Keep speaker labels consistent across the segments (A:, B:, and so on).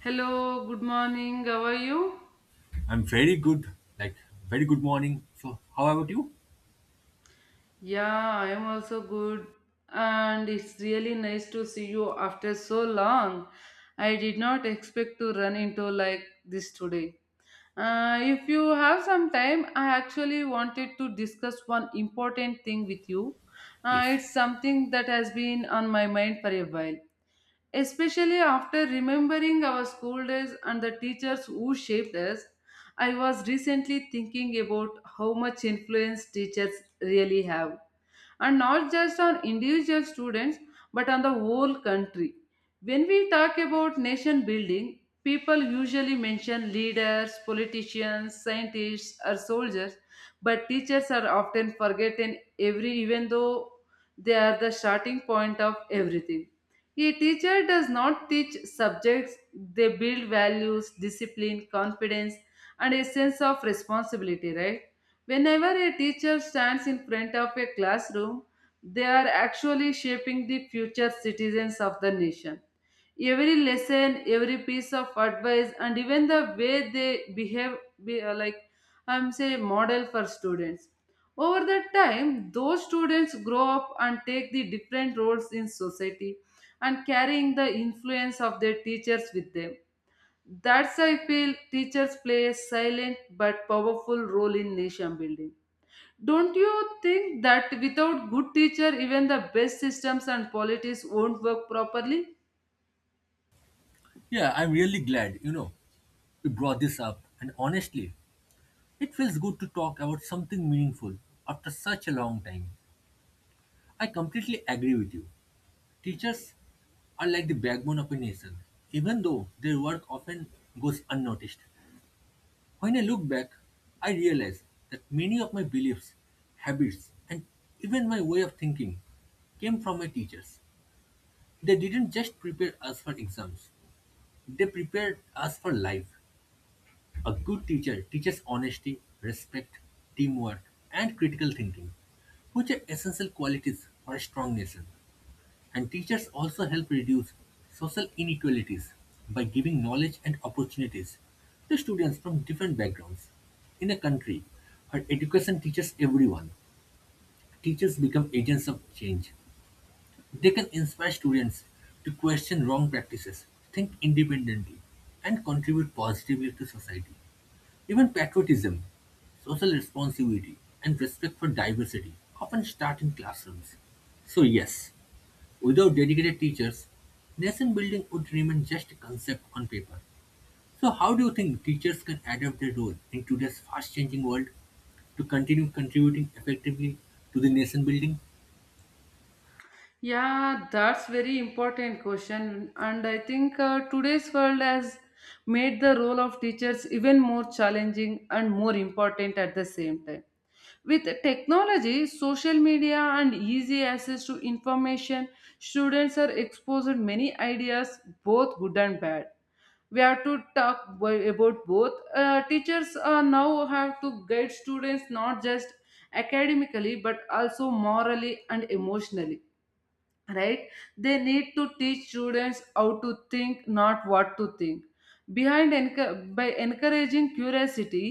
A: Hello, good morning. How are you?
B: I'm very good, like very good morning. So, how about you?
A: Yeah, I am also good. And it's really nice to see you after so long. I did not expect to run into like this today. If you have some time, I actually wanted to discuss one important thing with you.
B: Yes.
A: It's something that has been on my mind for a while. Especially after remembering our school days and the teachers who shaped us, I was recently thinking about how much influence teachers really have, and not just on individual students but on the whole country. When we talk about nation building, people usually mention leaders, politicians, scientists, or soldiers, but teachers are often forgotten every even though they are the starting point of everything. A teacher does not teach subjects, they build values, discipline, confidence, and a sense of responsibility, right? Whenever a teacher stands in front of a classroom, they are actually shaping the future citizens of the nation. Every lesson, every piece of advice, and even the way they behave, be like I'm say, model for students. Over the time, those students grow up and take the different roles in society and carrying the influence of their teachers with them. That's I feel teachers play a silent but powerful role in nation building. Don't you think that without good teacher, even the best systems and policies won't work properly?
B: Yeah, I'm really glad, you brought this up. And honestly, it feels good to talk about something meaningful after such a long time. I completely agree with you. Teachers are like the backbone of a nation, even though their work often goes unnoticed. When I look back, I realize that many of my beliefs, habits, and even my way of thinking came from my teachers. They didn't just prepare us for exams, they prepared us for life. A good teacher teaches honesty, respect, teamwork, and critical thinking, which are essential qualities for a strong nation. And teachers also help reduce social inequalities by giving knowledge and opportunities to students from different backgrounds. In a country where education teaches everyone, teachers become agents of change. They can inspire students to question wrong practices, think independently, and contribute positively to society. Even patriotism, social responsibility, and respect for diversity often start in classrooms. So, yes, without dedicated teachers, nation building would remain just a concept on paper. So, how do you think teachers can adapt their role in today's fast changing world, to continue contributing effectively to the nation building?
A: Yeah, that's very important question, and I think today's world has made the role of teachers even more challenging and more important at the same time. With technology, social media, and easy access to information, students are exposed to many ideas, both good and bad. We have to talk about both, teachers now have to guide students not just academically but also morally and emotionally, right? They need to teach students how to think, not what to think. Behind by encouraging curiosity,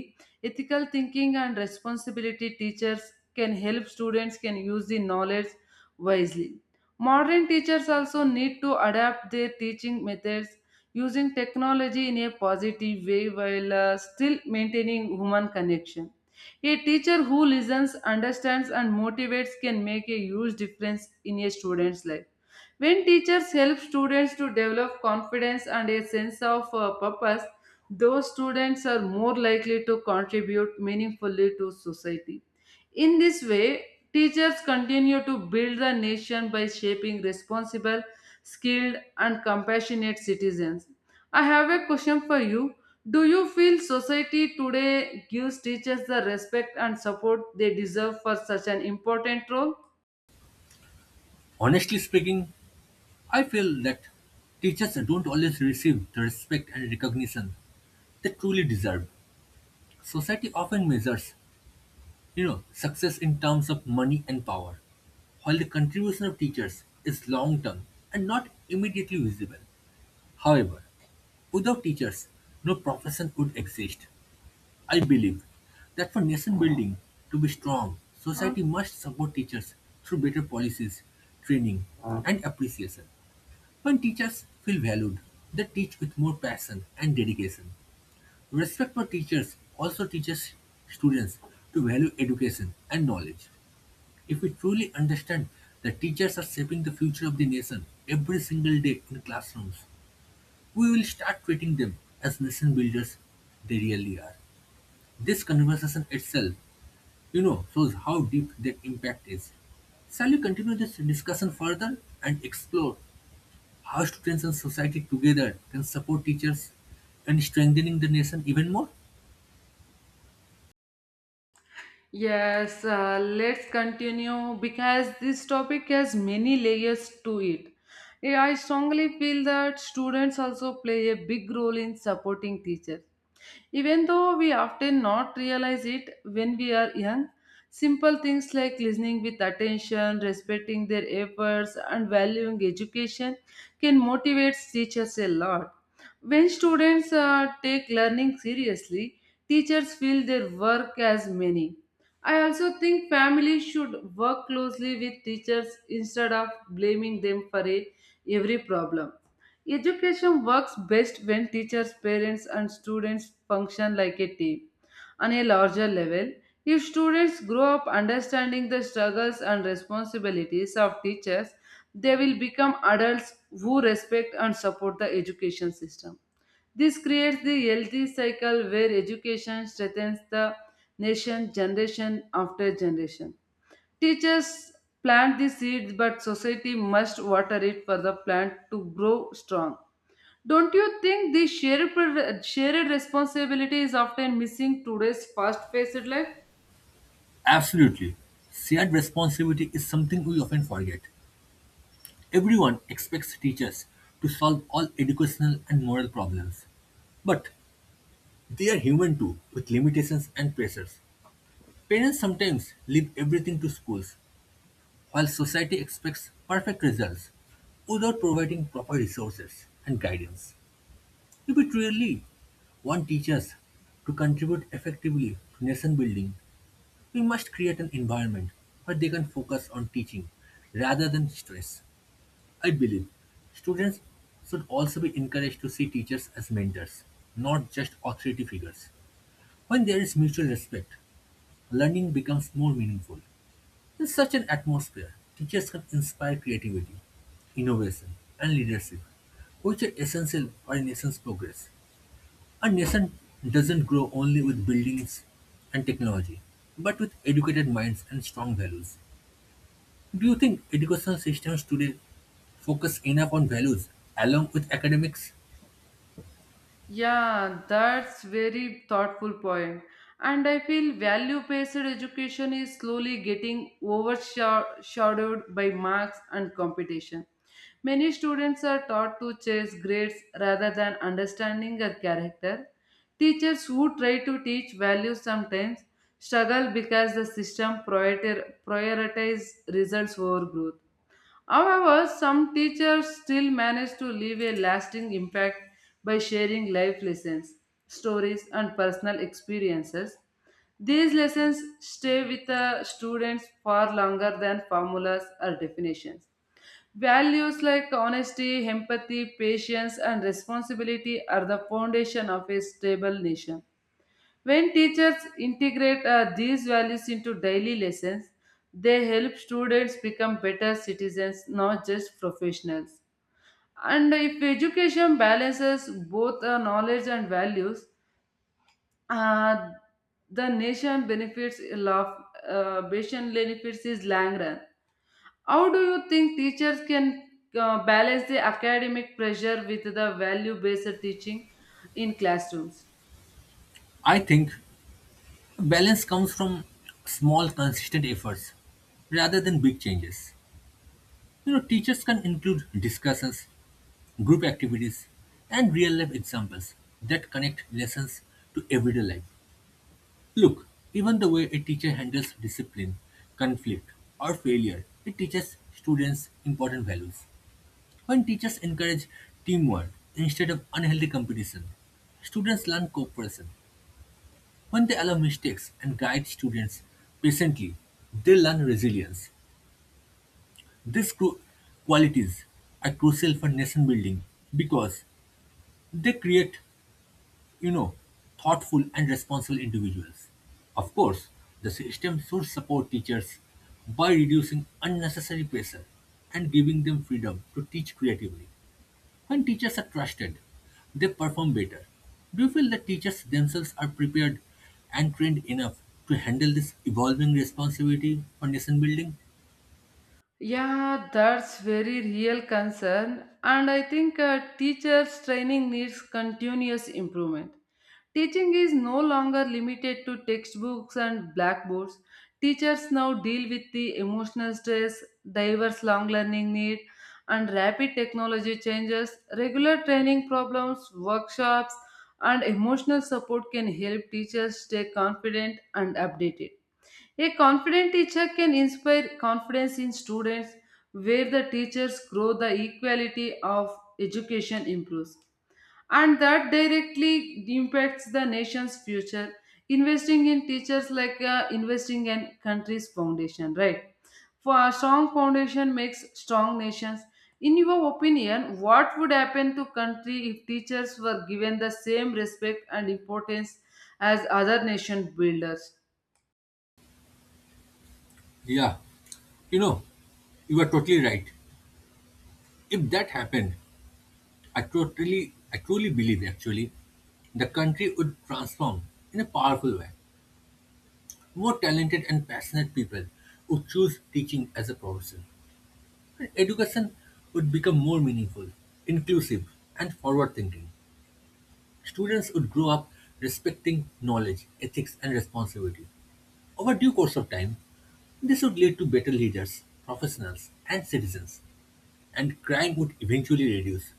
A: ethical thinking, and responsibility, teachers can help students can use the knowledge wisely. Modern teachers also need to adapt their teaching methods, using technology in a positive way while still maintaining human connection. A teacher who listens, understands, and motivates can make a huge difference in a student's life. When teachers help students to develop confidence and a sense of purpose, those students are more likely to contribute meaningfully to society. In this way, teachers continue to build the nation by shaping responsible, skilled, and compassionate citizens. I have a question for you. Do you feel society today gives teachers the respect and support they deserve for such an important role?
B: Honestly speaking, I feel that teachers don't always receive the respect and recognition they truly deserve. Society often measures, success in terms of money and power, while the contribution of teachers is long-term and not immediately visible. However, without teachers, no profession would exist. I believe that for nation building to be strong, society must support teachers through better policies, training, and appreciation. When teachers feel valued, they teach with more passion and dedication. Respect for teachers also teaches students to value education and knowledge. If we truly understand that teachers are shaping the future of the nation every single day in classrooms, we will start treating them as nation builders they really are. This conversation itself, shows how deep their impact is. Shall we continue this discussion further and explore how students and society together can support teachers and strengthening the nation even more?
A: Yes, let's continue because this topic has many layers to it. Yeah, I strongly feel that students also play a big role in supporting teachers. Even though we often not realize it when we are young, simple things like listening with attention, respecting their efforts, and valuing education can motivate teachers a lot. When students take learning seriously, teachers feel their work as many. I also think families should work closely with teachers instead of blaming them for every problem. Education works best when teachers, parents, and students function like a team. On a larger level, if students grow up understanding the struggles and responsibilities of teachers, they will become adults who respect and support the education system. This creates the healthy cycle where education strengthens the nation generation after generation. Teachers plant the seeds, but society must water it for the plant to grow strong. Don't you think the shared responsibility is often missing today's fast paced life?
B: Absolutely. Shared responsibility is something we often forget. Everyone expects teachers to solve all educational and moral problems. But they are human too, with limitations and pressures. Parents sometimes leave everything to schools, while society expects perfect results without providing proper resources and guidance. If we truly want teachers to contribute effectively to nation building, we must create an environment where they can focus on teaching rather than stress. I believe students should also be encouraged to see teachers as mentors, not just authority figures. When there is mutual respect, learning becomes more meaningful. In such an atmosphere, teachers can inspire creativity, innovation, and leadership, which are essential for a nation's progress. A nation doesn't grow only with buildings and technology, but with educated minds and strong values. Do you think educational systems today focus enough on values along with academics?
A: Yeah, that's very thoughtful point. And I feel value-based education is slowly getting overshadowed by marks and competition. Many students are taught to chase grades rather than understanding a character. Teachers who try to teach values sometimes struggle because the system prioritize results over growth. However, some teachers still manage to leave a lasting impact by sharing life lessons, stories, and personal experiences. These lessons stay with the students far longer than formulas or definitions. Values like honesty, empathy, patience, and responsibility are the foundation of a stable nation. When teachers integrate these values into daily lessons, they help students become better citizens, not just professionals. And if education balances both, knowledge and values, uh, the nation benefits a lot. Nation benefits is long run. How do you think teachers can balance the academic pressure with the value-based teaching in classrooms?
B: I think balance comes from small consistent efforts rather than big changes. You know, teachers can include discussions, group activities, and real life examples that connect lessons to everyday life. Look, even the way a teacher handles discipline, conflict, or failure, it teaches students important values. When teachers encourage teamwork instead of unhealthy competition, students learn cooperation. When they allow mistakes and guide students patiently, they learn resilience. These qualities are crucial for nation building because they create, you know, thoughtful and responsible individuals. Of course, the system should support teachers by reducing unnecessary pressure and giving them freedom to teach creatively. When teachers are trusted, they perform better. Do you feel that teachers themselves are prepared and trained enough to handle this evolving responsibility for nation building?
A: Yeah, that's very real concern. And I think teachers' training needs continuous improvement. Teaching is no longer limited to textbooks and blackboards. Teachers now deal with the emotional stress, diverse long learning need, and rapid technology changes. Regular training problems, workshops, and emotional support can help teachers stay confident and updated. A confident teacher can inspire confidence in students. Where the teachers grow, the equality of education improves, and that directly impacts the nation's future. Investing in teachers like investing in country's foundation, right? For a strong foundation makes strong nations. In your opinion, what would happen to country if teachers were given the same respect and importance as other nation builders?
B: Yeah, you know, you are totally right. If that happened, I truly believe actually, the country would transform in a powerful way. More talented and passionate people would choose teaching as a profession. And education would become more meaningful, inclusive, and forward thinking. Students would grow up respecting knowledge, ethics, and responsibility. Over due course of time, this would lead to better leaders, professionals, and citizens, and crime would eventually reduce.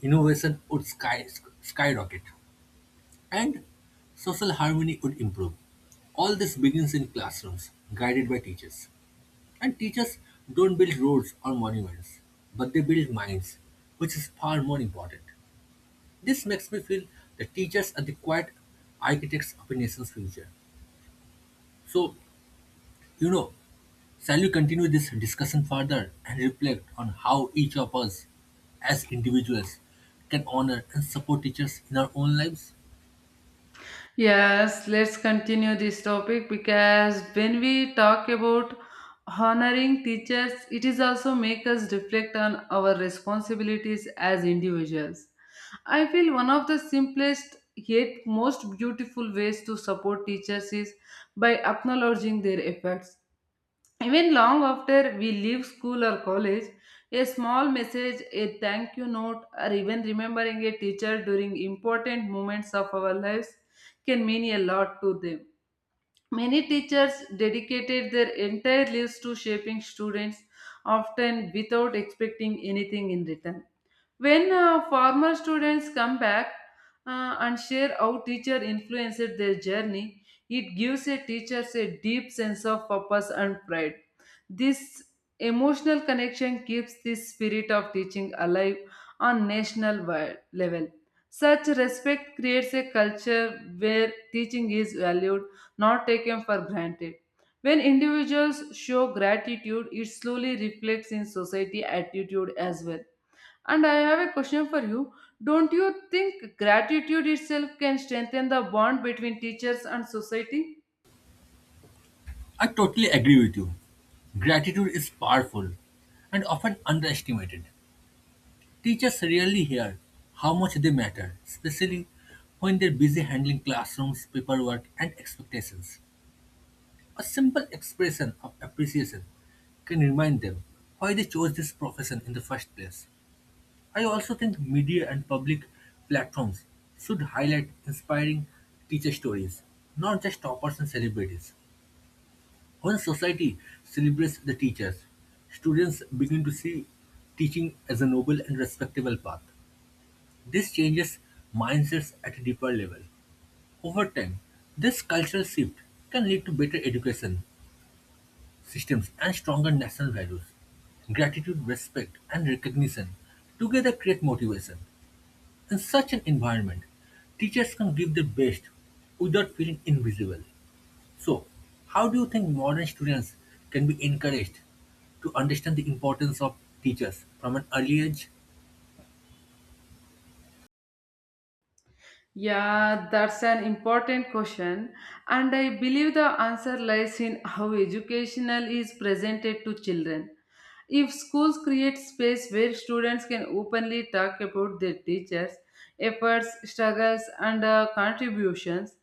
B: Innovation would skyrocket and social harmony would improve. All this begins in classrooms, guided by teachers. And teachers don't build roads or monuments, but they build minds, which is far more important. This makes me feel that teachers are the quiet architects of a nation's future. So, you know, shall we continue this discussion further and reflect on how each of us as individuals can honor and support teachers in our own lives?
A: Yes, let's continue this topic because when we talk about honoring teachers, it is also make us reflect on our responsibilities as individuals. I feel one of the simplest yet most beautiful ways to support teachers is by acknowledging their efforts. Even long after we leave school or college, a small message, a thank you note, or even remembering a teacher during important moments of our lives can mean a lot to them. Many teachers dedicated their entire lives to shaping students, often without expecting anything in return. When former students come back and share how teacher influenced their journey, it gives a teachers a deep sense of purpose and pride. This emotional connection keeps the spirit of teaching alive on national level. Such respect creates a culture where teaching is valued, not taken for granted. When individuals show gratitude, it slowly reflects in society attitude as well. And I have a question for you. Don't you think gratitude itself can strengthen the bond between teachers and society?
B: I totally agree with you. Gratitude is powerful and often underestimated. Teachers rarely hear how much they matter, especially when they're busy handling classrooms, paperwork, and expectations. A simple expression of appreciation can remind them why they chose this profession in the first place. I also think media and public platforms should highlight inspiring teacher stories, not just toppers and celebrities. When society celebrates the teachers, students begin to see teaching as a noble and respectable path. This changes mindsets at a deeper level. Over time, this cultural shift can lead to better education systems and stronger national values. Gratitude, respect, and recognition together create motivation. In such an environment, teachers can give their best without feeling invisible. So, how do you think modern students can be encouraged to understand the importance of teachers from an early age?
A: Yeah, that's an important question, and I believe the answer lies in how educational is presented to children. If schools create space where students can openly talk about their teachers, efforts, struggles, and contributions,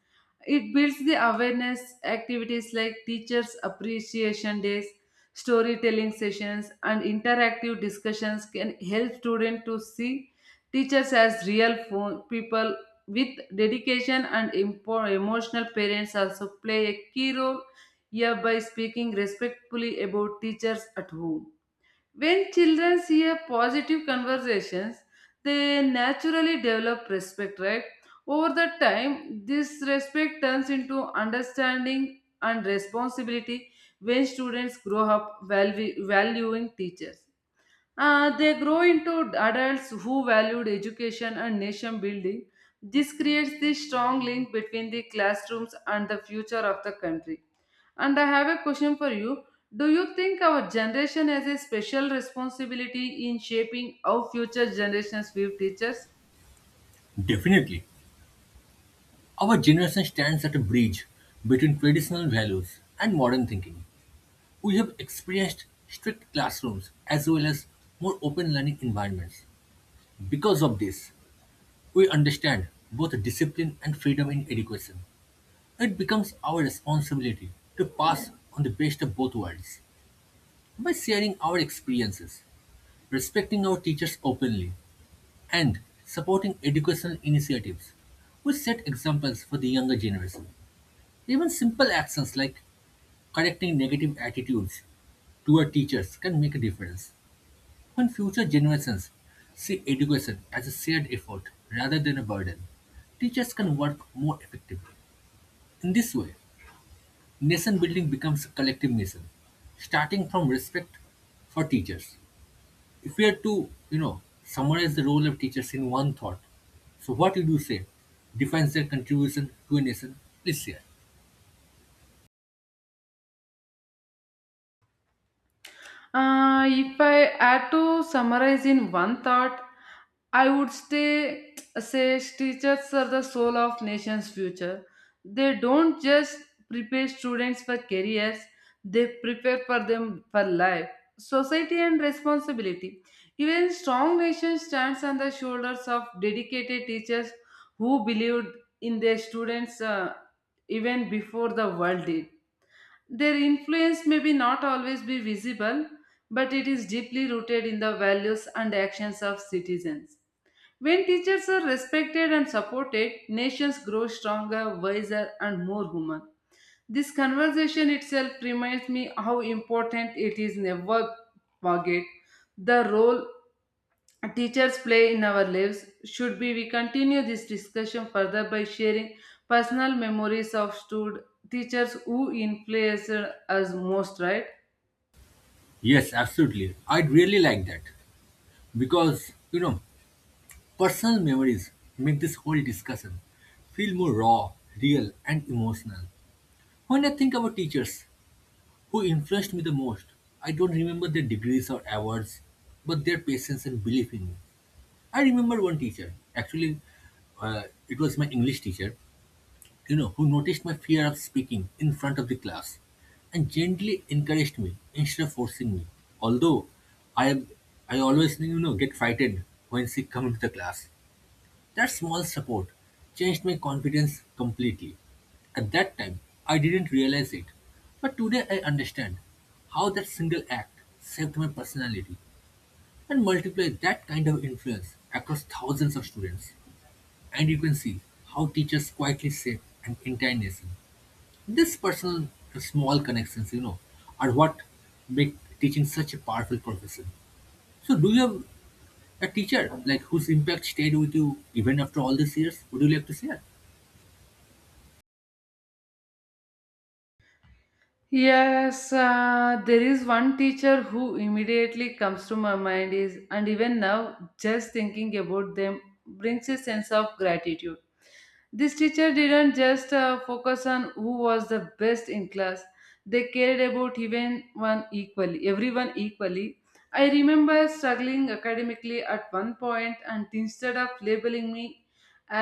A: it builds the awareness. Activities like teachers' appreciation days, storytelling sessions, and interactive discussions can help students to see teachers as real people with dedication and emotional. Parents also play a key role here by speaking respectfully about teachers at home. When children hear positive conversations, they naturally develop respect, right? Over the time, this respect turns into understanding and responsibility. When students grow up valuing teachers, they grow into adults who valued education and nation building. This creates the strong link between the classrooms and the future of the country. And I have a question for you. Do you think our generation has a special responsibility in shaping how future generations view teachers?
B: Definitely. Our generation stands at a bridge between traditional values and modern thinking. We have experienced strict classrooms as well as more open learning environments. Because of this, we understand both discipline and freedom in education. It becomes our responsibility to pass on the best of both worlds by sharing our experiences respecting our teachers openly, and supporting educational initiatives. We set examples for the younger generation. Even simple actions like correcting negative attitudes toward teachers can make a difference. When future generations see education as a shared effort rather than a burden, teachers can work more effectively. In this way, nation building becomes a collective mission, starting from respect for teachers. If we had to, summarize the role of teachers in one thought, so what would you say defines their contribution to a nation? Please share.
A: If I had to summarize in one thought, I would say teachers are the soul of nation's future. They don't just prepare students for careers, they prepare for them for life, society, and responsibility. Even strong nation stands on the shoulders of dedicated teachers who believed in their students, even before the world did. Their influence may be not always be visible, but it is deeply rooted in the values and actions of citizens. When teachers are respected and supported, nations grow stronger, wiser, and more human. This conversation itself reminds me how important it is never forget the role teachers play in our lives. Should be we continue this discussion further by sharing personal memories of stud teachers who influenced us most, right?
B: Yes, absolutely. I'd really like that because, personal memories make this whole discussion feel more raw, real, and emotional. When I think about teachers who influenced me the most, I don't remember their degrees or awards, but their patience and belief in me. I remember one teacher, actually, uh, it was my English teacher, who noticed my fear of speaking in front of the class and gently encouraged me instead of forcing me. Although I am, I always, get frightened when she come into the class. That small support changed my confidence completely. At that time, I didn't realize it, but today I understand how that single act saved my personality and multiplied that kind of influence across thousands of students. And you can see how teachers quietly shape an entire nation. This personal small connections, are what make teaching such a powerful profession. So, do you have a teacher like whose impact stayed with you even after all these years? Would you like to share?
A: Yes, there is one teacher who immediately comes to my mind is, and even now just thinking about them brings a sense of gratitude. This teacher didn't just focus on who was the best in class. They cared about everyone equally. I remember struggling academically at one point, and instead of labeling me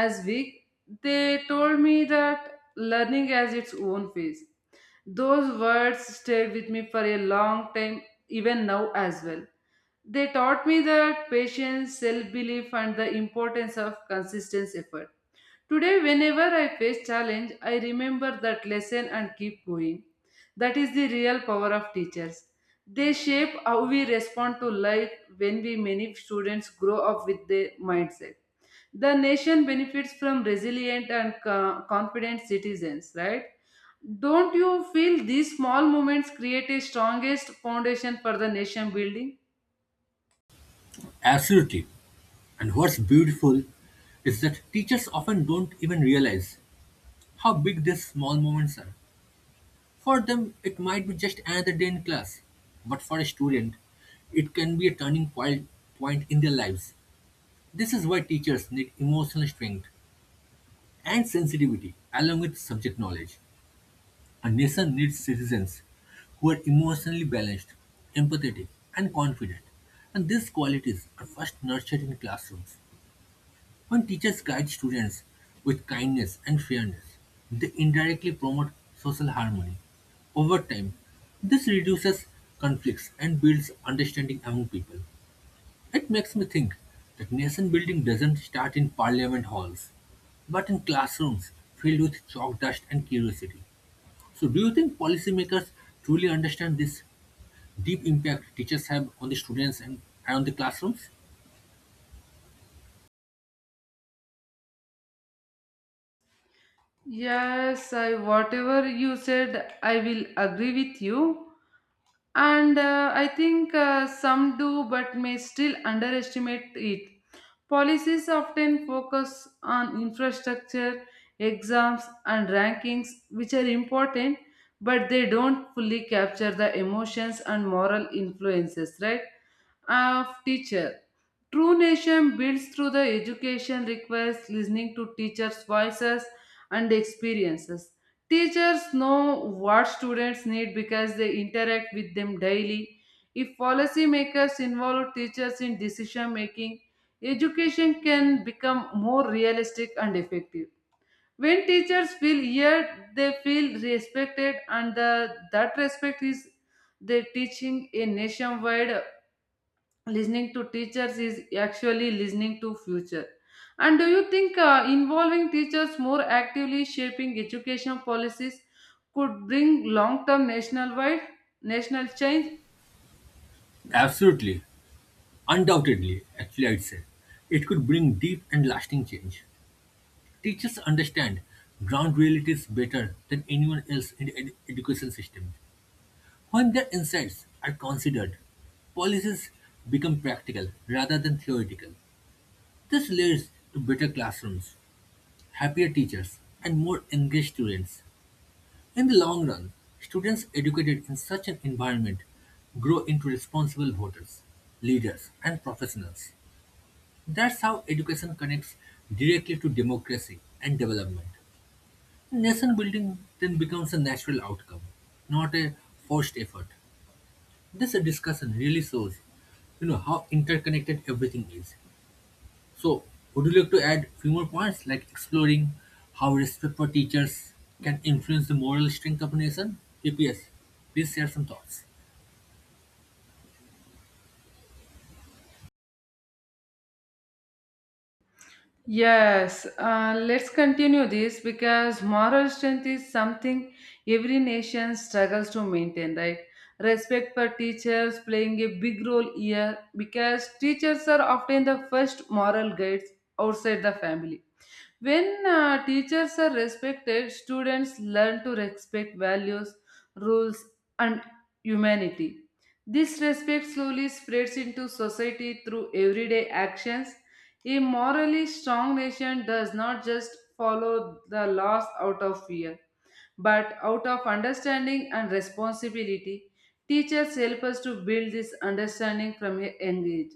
A: as weak, they told me that learning has its own phase. Those words stayed with me for a long time, even now as well. They taught me that patience, self belief, and the importance of consistent effort. Today, whenever I face challenge, I remember that lesson and keep going. That is the real power of teachers. They shape how we respond to life when we many students grow up with their mindset. The nation benefits from resilient and confident citizens, right? Don't you feel these small moments create a strongest foundation for the nation building?
B: Absolutely. And what's beautiful is that teachers often don't even realize how big these small moments are. For them, it might be just another day in class, but for a student, it can be a turning point in their lives. This is why teachers need emotional strength and sensitivity along with subject knowledge. A nation needs citizens who are emotionally balanced, empathetic, and confident. And these qualities are first nurtured in classrooms. When teachers guide students with kindness and fairness, they indirectly promote social harmony. Over time, this reduces conflicts and builds understanding among people. It makes me think that nation building doesn't start in parliament halls, but in classrooms filled with chalk dust and curiosity. So, do you think policymakers truly understand this deep impact teachers have on the students, and on the classrooms?
A: Yes, I whatever you said, I will agree with you. And I think Some do but may still underestimate it. Policies often focus on infrastructure, exams and rankings, which are important, but they don't fully capture the emotions and moral influences, right, of teacher. True nation builds through the education requires listening to teachers' voices and experiences. Teachers know what students need because they interact with them daily. If policymakers involve teachers in decision making, education can become more realistic and effective. When teachers feel heard, they feel respected, and that respect is their teaching a nationwide. Listening to teachers is actually listening to future. And do you think involving teachers more actively shaping education policies could bring long term national wide, national change?
B: Absolutely, undoubtedly, actually, I'd say. It could bring deep and lasting change. Teachers understand ground realities better than anyone else in the education system. When their insights are considered, policies become practical rather than theoretical. This leads to better classrooms, happier teachers, and more engaged students. In the long run, students educated in such an environment grow into responsible voters, leaders, and professionals. That's how education connects directly to democracy and development. Nation building then becomes a natural outcome, not a forced effort. This discussion really shows, how interconnected everything is. So, would you like to add few more points, like exploring how respect for teachers can influence the moral strength of a nation? If yes, please share some thoughts.
A: Yes, let's continue this because moral strength is something every nation struggles to maintain, right? Respect for teachers playing a big role here because teachers are often the first moral guides outside the family. When teachers are respected, students learn to respect values, rules, and humanity. This respect slowly spreads into society through everyday actions. A morally strong nation does not just follow the laws out of fear, but out of understanding and responsibility. Teachers help us to build this understanding from a young age.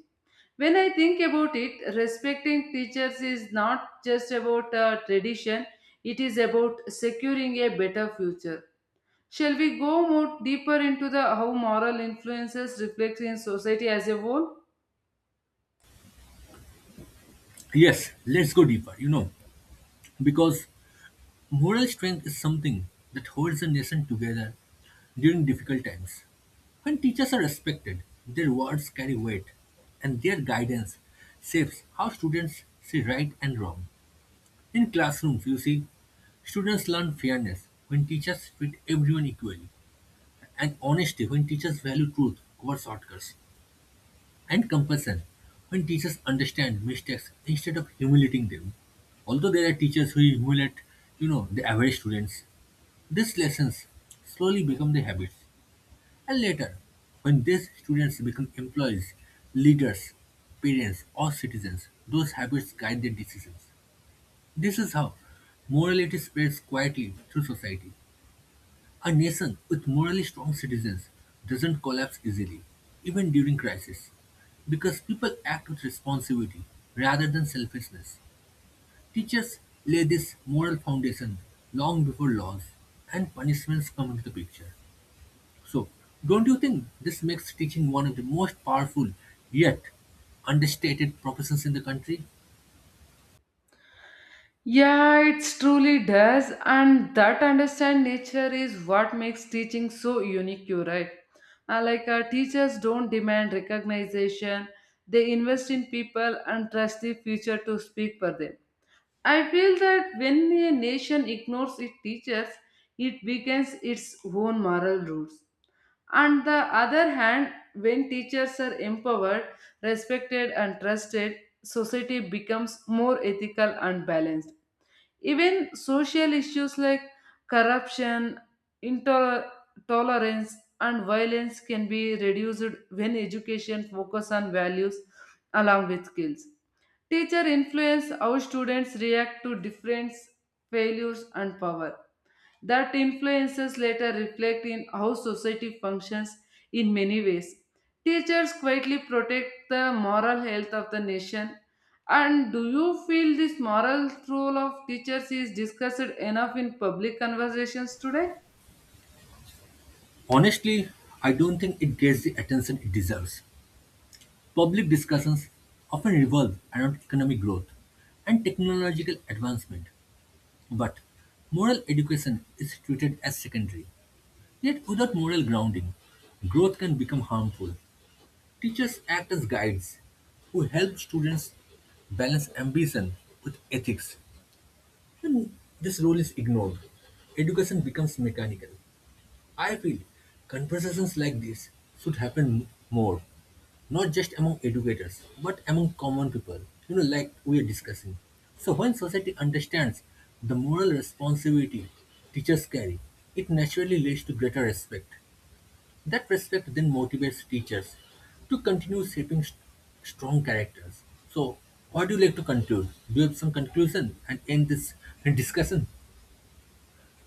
A: When I think about it, respecting teachers is not just about a tradition, it is about securing a better future. Shall we go more deeper into the how moral influences reflect in society as a whole?
B: Yes, let's go deeper. You know, because moral strength is something that holds a nation together during difficult times. When teachers are respected, their words carry weight, and their guidance shapes how students see right and wrong. In classrooms, you see, students learn fairness when teachers treat everyone equally, and honesty when teachers value truth over shortcuts, and compassion when teachers understand mistakes instead of humiliating them. Although there are teachers who humiliate, the average students, these lessons slowly become their habits. And later, when these students become employees, leaders, parents, or citizens, those habits guide their decisions. This is how morality spreads quietly through society. A nation with morally strong citizens doesn't collapse easily, even during crisis, because people act with responsibility rather than selfishness. Teachers lay this moral foundation long before laws and punishments come into the picture. So, don't you think this makes teaching one of the most powerful yet understated professions in the country?
A: Yeah, it truly does, and that understand nature is what makes teaching so unique, you're right. Like, teachers don't demand recognition, they invest in people and trust the future to speak for them. I feel that when a nation ignores its teachers, it weakens its own moral roots. On the other hand, when teachers are empowered, respected, and trusted, society becomes more ethical and balanced. Even social issues like corruption, intolerance, and violence can be reduced when education focuses on values along with skills. Teacher influence how students react to different failures and power. That influences later reflect in how society functions in many ways. Teachers quietly protect the moral health of the nation. And do you feel this moral role of teachers is discussed enough in public conversations today?
B: Honestly, I don't think it gets the attention it deserves. Public discussions often revolve around economic growth and technological advancement, but moral education is treated as secondary. Yet, without moral grounding, growth can become harmful. Teachers act as guides who help students balance ambition with ethics. When this role is ignored, education becomes mechanical. I feel conversations like this should happen more, not just among educators, but among common people, like we are discussing. So, when society understands the moral responsibility teachers carry, it naturally leads to greater respect. That respect then motivates teachers to continue shaping strong characters. So, what do you like to conclude? Do you have some conclusion and end this discussion?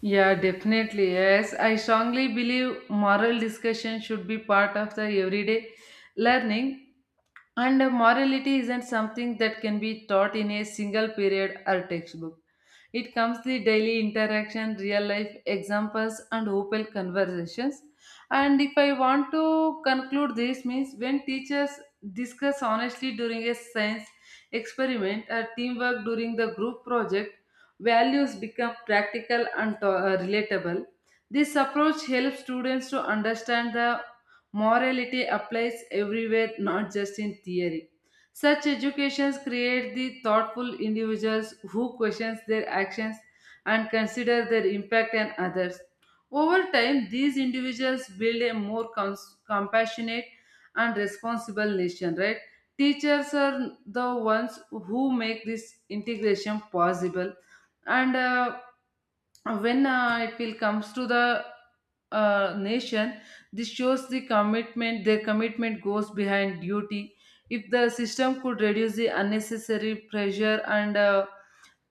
A: Yeah, definitely. Yes, I strongly believe moral discussion should be part of the everyday learning. And morality isn't something that can be taught in a single period or textbook. It comes the daily interaction, real life examples, and open conversations. And if I want to conclude this, means when teachers discuss honestly during a science experiment or teamwork during the group project, values become practical and relatable. This approach helps students to understand the morality applies everywhere, not just in theory. Such educations create the thoughtful individuals who questions their actions and consider their impact on others. Over time, these individuals build a more compassionate and responsible nation, right? Teachers are the ones who make this integration possible. And when it will comes to the nation, this shows the commitment, their commitment goes behind duty. If the system could reduce the unnecessary pressure and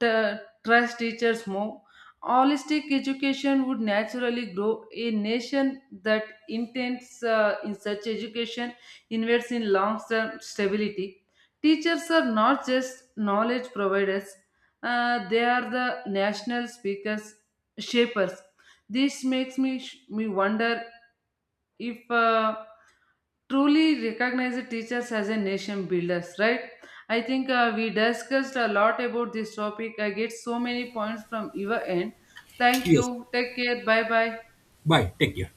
A: t- trust teachers more, holistic education would naturally grow. A nation that intends in such education invests in long term stability. Teachers are not just knowledge providers, they are the national shapers. This makes me wonder if truly recognize the teachers as a nation builders, right? I think we discussed a lot about this topic. I get so many points from your end. Thank
B: Yes.
A: you, take care, bye bye.
B: Bye. Take care.